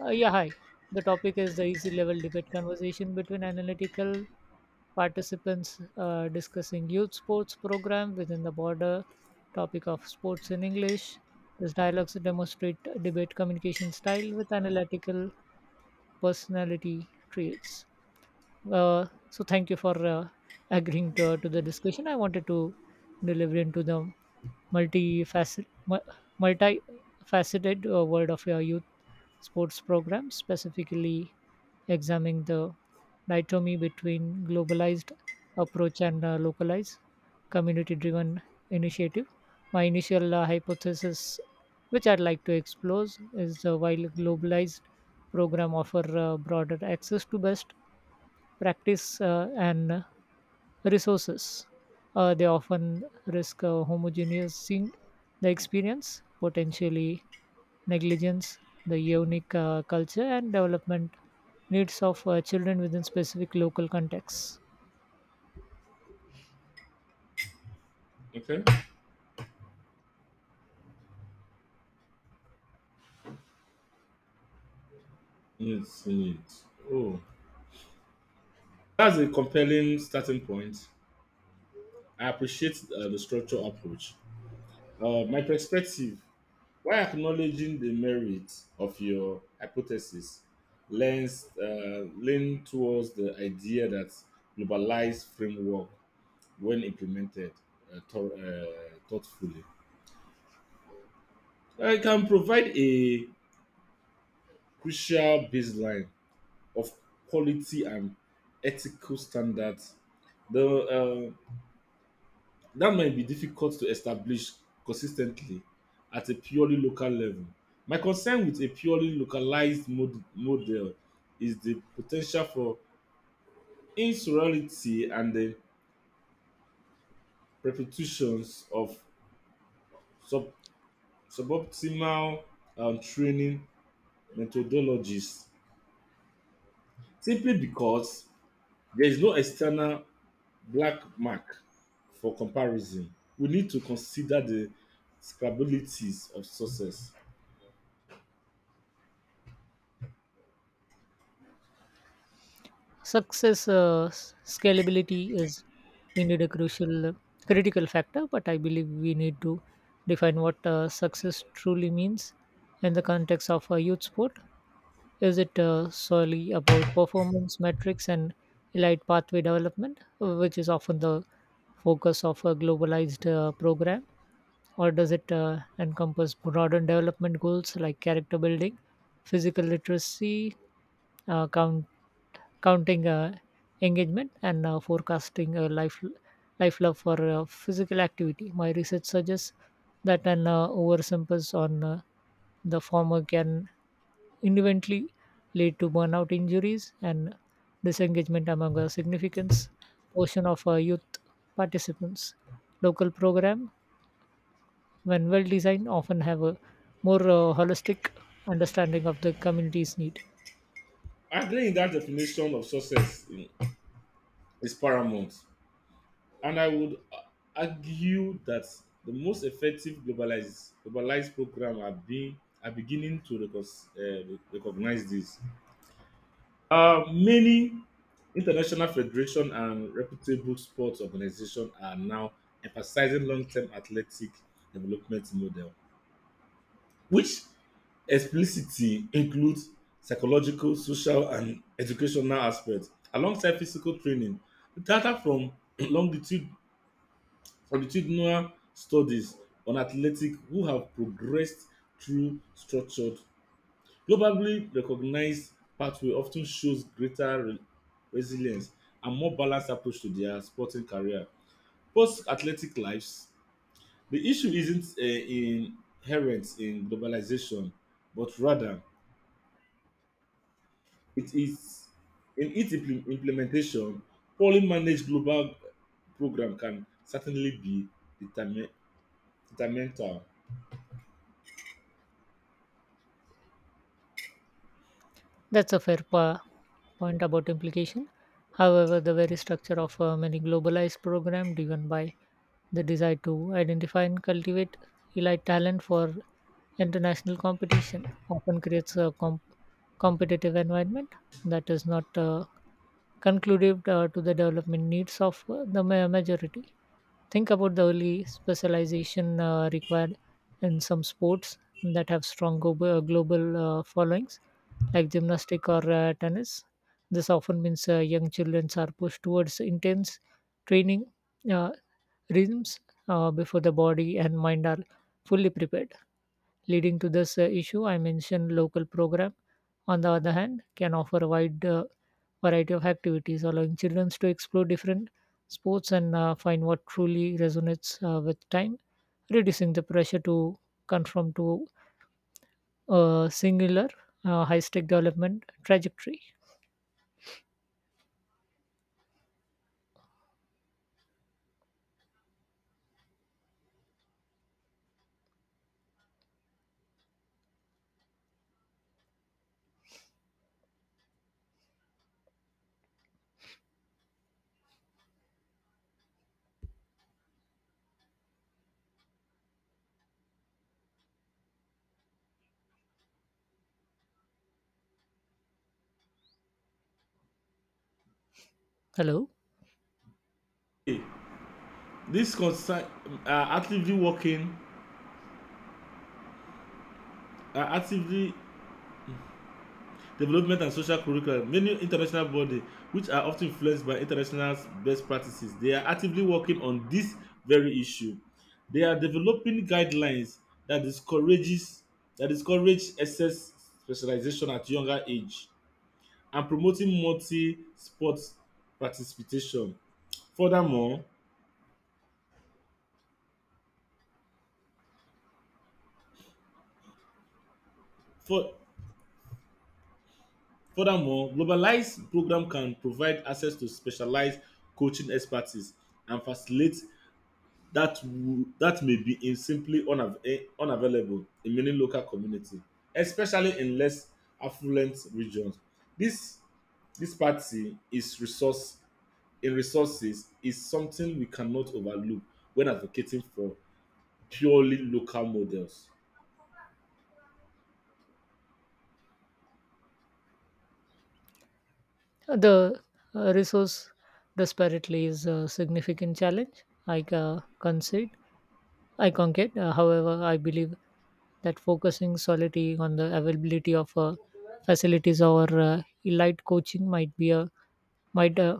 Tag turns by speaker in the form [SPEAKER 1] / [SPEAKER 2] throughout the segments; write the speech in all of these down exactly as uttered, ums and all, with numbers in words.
[SPEAKER 1] Uh, yeah, hi. The topic is the easy level debate conversation between analytical participants uh, discussing youth sports program within the border topic of sports in English. These dialogues demonstrate debate communication style with analytical personality traits. Uh, so thank you for uh, agreeing to, to the discussion. I wanted to deliver into the multifaceted, multifaceted uh, world of your youth sports program, specifically examining the dichotomy between globalized approach and uh, localized community-driven initiative. My initial uh, hypothesis, which I'd like to explore, is uh, while globalized program offer uh, broader access to best practice uh, and resources. Uh, they often risk uh, homogenizing the experience, potentially negligence, the unique uh, culture and development needs of uh, children within specific local contexts.
[SPEAKER 2] Okay. Needs, needs. Oh, that's a compelling starting point. I appreciate uh, the structural approach. Uh, my perspective, while acknowledging the merit of your hypothesis, lends uh, lean towards the idea that globalized framework, when implemented uh, thor- uh, thoughtfully, uh, can provide a crucial baseline of quality and ethical standards the uh, that might be difficult to establish consistently at a purely local level. My concern with a purely localized mod- model is the potential for insurality and the perpetuations of sub- suboptimal um, training methodologies simply because there is no external black mark for comparison. We need to consider the scalabilities of success.
[SPEAKER 1] Success uh, s- scalability is indeed a crucial, uh, critical factor, but I believe we need to define what uh, success truly means in the context of a youth sport. Is it uh, solely about performance metrics and elite pathway development, which is often the focus of a globalized uh, program? Or does it uh, encompass broader development goals like character building, physical literacy, uh, count, counting uh, engagement, and uh, forecasting a life, life love for uh, physical activity. My research suggests that an uh, overemphasis on uh, the former can inevitably lead to burnout injuries and disengagement among a significant portion of uh, youth participants. Local program, when well designed, often have a more uh, holistic understanding of the community's need.
[SPEAKER 2] Agreeing that definition of success mm, is paramount, and I would uh, argue that the most effective globalized globalized program are being are beginning to recognize, uh, recognize this. Uh, many international federation and reputable sports organizations are now emphasizing long-term athletic development model which explicitly includes psychological, social, and educational aspects alongside physical training. The data from longitude, longitudinal studies on athletes who have progressed through structured, globally recognized pathway often shows greater re- resilience and more balanced approach to their sporting career. Post athletic lives, the issue isn't uh, inherent in globalization, but rather it is in its impl- implementation. Poorly managed global program can certainly be determin- detrimental.
[SPEAKER 1] That's a fair pa- point about implication. However, the very structure of uh, many globalized programs driven by the desire to identify and cultivate elite talent for international competition often creates a comp- competitive environment that is not uh, conclusive uh, to the development needs of uh, the ma- majority. Think about the early specialization uh, required in some sports that have strong global, global uh, followings like gymnastic or uh, tennis. This often means uh, young children are pushed towards intense training uh, rhythms uh, before the body and mind are fully prepared. Leading to this uh, issue, I mentioned local program. On the other hand, can offer a wide uh, variety of activities, allowing children to explore different sports and uh, find what truly resonates uh, with time, reducing the pressure to conform to a singular uh, high stake development trajectory. Hello.
[SPEAKER 2] Okay, this concern are actively working are actively development and social curriculum. Many international bodies, which are often influenced by international best practices, they are actively working on this very issue. They are developing guidelines that discourages that discourage excess specialization at younger age, and promoting multi-sport participation. Furthermore, fur- furthermore, globalized program can provide access to specialized coaching expertise and facilitate that wo- that may be in simply unav- eh, unavailable in many local communities, especially in less affluent regions. This this party is resource in resources is something we cannot overlook when advocating for purely local models.
[SPEAKER 1] The uh, resource disparately is a significant challenge. I uh, concede, I concede. Uh, however, I believe that focusing solely on the availability of uh, facilities or uh, elite coaching might be a might uh,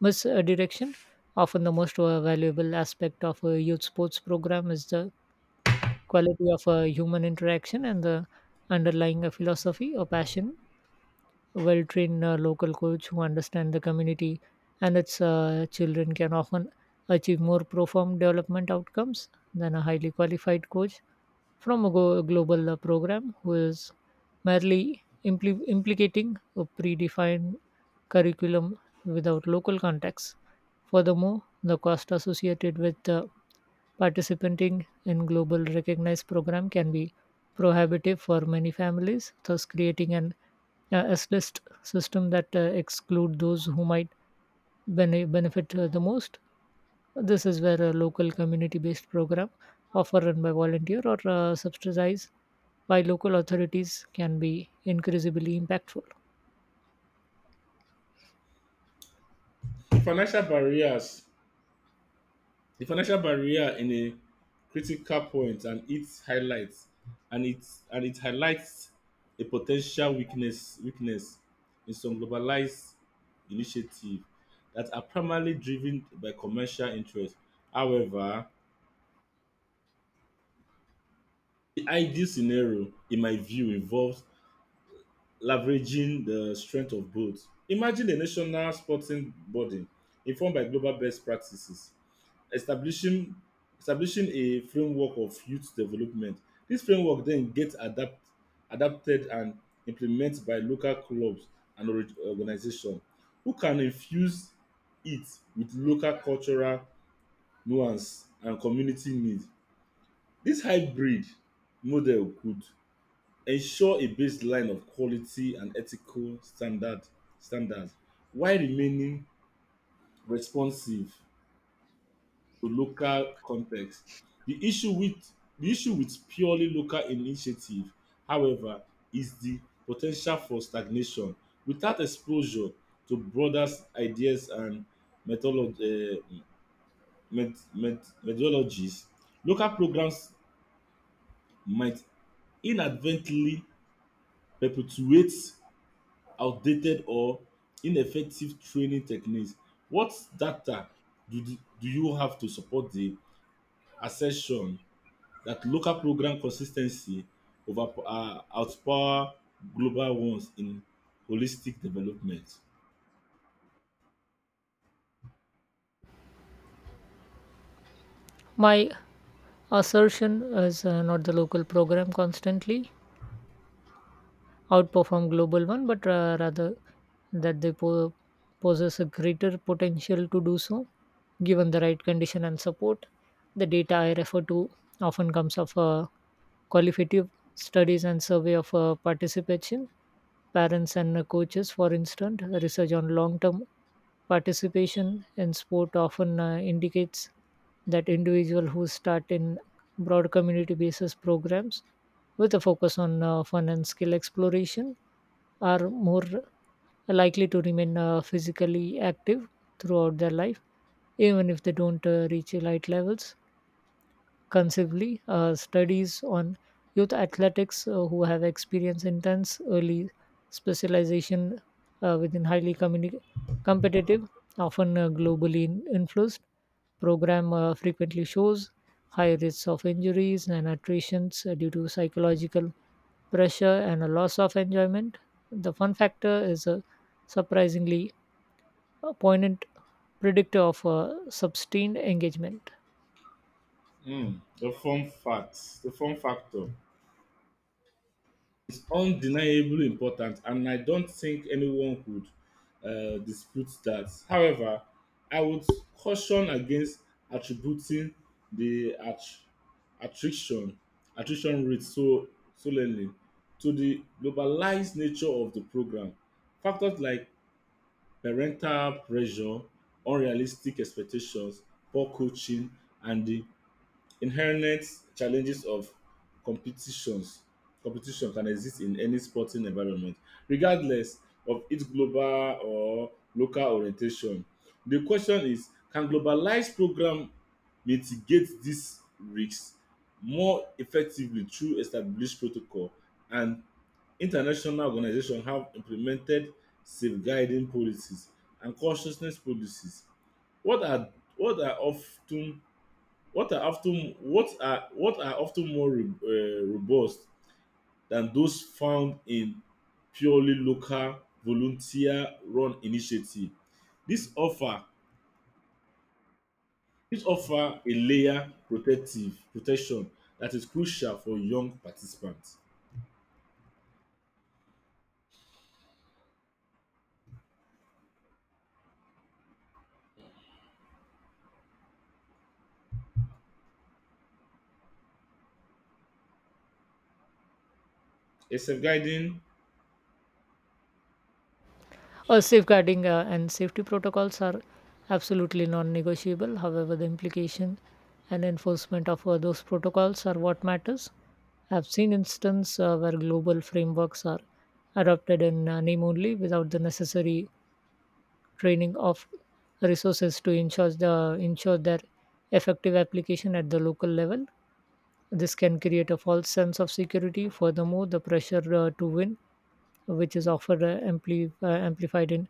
[SPEAKER 1] misdirection. Often, the most uh, valuable aspect of a youth sports program is the quality of uh, human interaction and the underlying uh, philosophy or passion. Well trained uh, local coach who understand the community and its uh, children can often achieve more profound development outcomes than a highly qualified coach from a go- global uh, program who is merely impl- implicating a predefined curriculum without local context. Furthermore, the cost associated with uh, participating in global recognized program can be prohibitive for many families, thus creating an uh, S-list system that uh, exclude those who might bene- benefit uh, the most. This is where a local community-based program, offer run by volunteer or uh, subsidized by local authorities, can be increasingly impactful.
[SPEAKER 2] Financial barriers the financial barrier in a critical point, and it highlights and it and it highlights a potential weakness weakness in some globalized initiatives that are primarily driven by commercial interest. However, the ideal scenario, in my view, involves leveraging the strength of both. Imagine a national sporting body informed by global best practices establishing establishing a framework of youth development. This framework then gets adapt, adapted and implemented by local clubs and organizations who can infuse it with local cultural nuance and community needs. This hybrid model could ensure a baseline of quality and ethical standard standards while remaining responsive to local context. The issue with the issue with purely local initiative, however, is the potential for stagnation without exposure to broader ideas and methodologies. Uh, met, met, methodologies. Local programs might inadvertently perpetuate outdated or ineffective training techniques. What data do, do you have to support the assertion that local program consistency over uh, outpower global ones in holistic development?
[SPEAKER 1] My assertion is uh, not the local program constantly outperform global one, but uh, rather that they po- possess a greater potential to do so, given the right condition and support. The data I refer to often comes of uh, qualitative studies and survey of uh, participation, parents and uh, coaches, for instance. Research on long-term participation in sport often uh, indicates that individuals who start in broad community basis programs with a focus on uh, fun and skill exploration are more likely to remain uh, physically active throughout their life even if they don't uh, reach elite levels. Conceivably, uh, studies on youth athletics uh, who have experienced intense early specialization uh, within highly communi- competitive, often uh, globally in- influenced program uh, frequently shows high rates of injuries and attritions uh, due to psychological pressure and a loss of enjoyment. The fun factor is a surprisingly uh, poignant predictor of uh, sustained engagement.
[SPEAKER 2] Mm, the form facts, the form factor is undeniably important, and I don't think anyone could uh, dispute that. However, I would caution against attributing the att- attrition attrition rate so solely to the globalized nature of the program. Factors like parental pressure, unrealistic expectations, poor coaching, and the inherent challenges of competitions competition can exist in any sporting environment regardless of its global or local orientation. The question is, can globalized program mitigate these risks more effectively through established protocol? And international organizations have implemented safeguarding policies and consciousness policies, What are what are often what are often what are what are often more re- uh, robust than those found in purely local volunteer-run initiative. This offer this offer a layer protective protection that is crucial for young participants. A safeguarding
[SPEAKER 1] Uh, safeguarding uh, and safety protocols are absolutely non-negotiable. However, the implication and enforcement of uh, those protocols are what matters. I've seen instances uh, where global frameworks are adopted in uh, name only without the necessary training of resources to ensure the ensure their effective application at the local level. This can create a false sense of security. Furthermore, the pressure uh, to win, which is often uh, ampli- uh, amplified in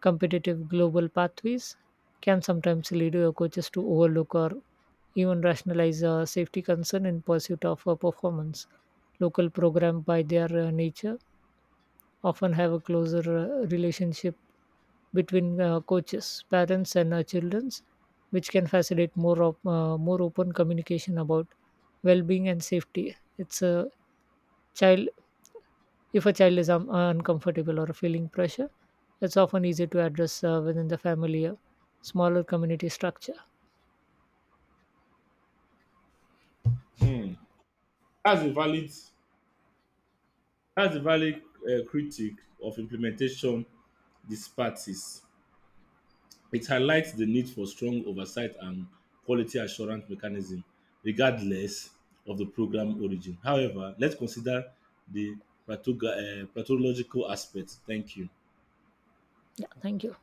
[SPEAKER 1] competitive global pathways, can sometimes lead uh, coaches to overlook or even rationalize uh, safety concern in pursuit of uh, performance. Local program, by their uh, nature, often have a closer uh, relationship between uh, coaches, parents, and uh, children, which can facilitate more op- uh, more open communication about well-being and safety. It's a child If a child is um, uncomfortable or feeling pressure, it's often easy to address uh, within the family, uh, smaller community structure.
[SPEAKER 2] um that's a valid That's a valid uh, critique of implementation disparities. It highlights the need for strong oversight and quality assurance mechanism, regardless of the program origin. However, let's consider the pathoga- uh, pathological aspect. Thank you.
[SPEAKER 1] Yeah, thank you.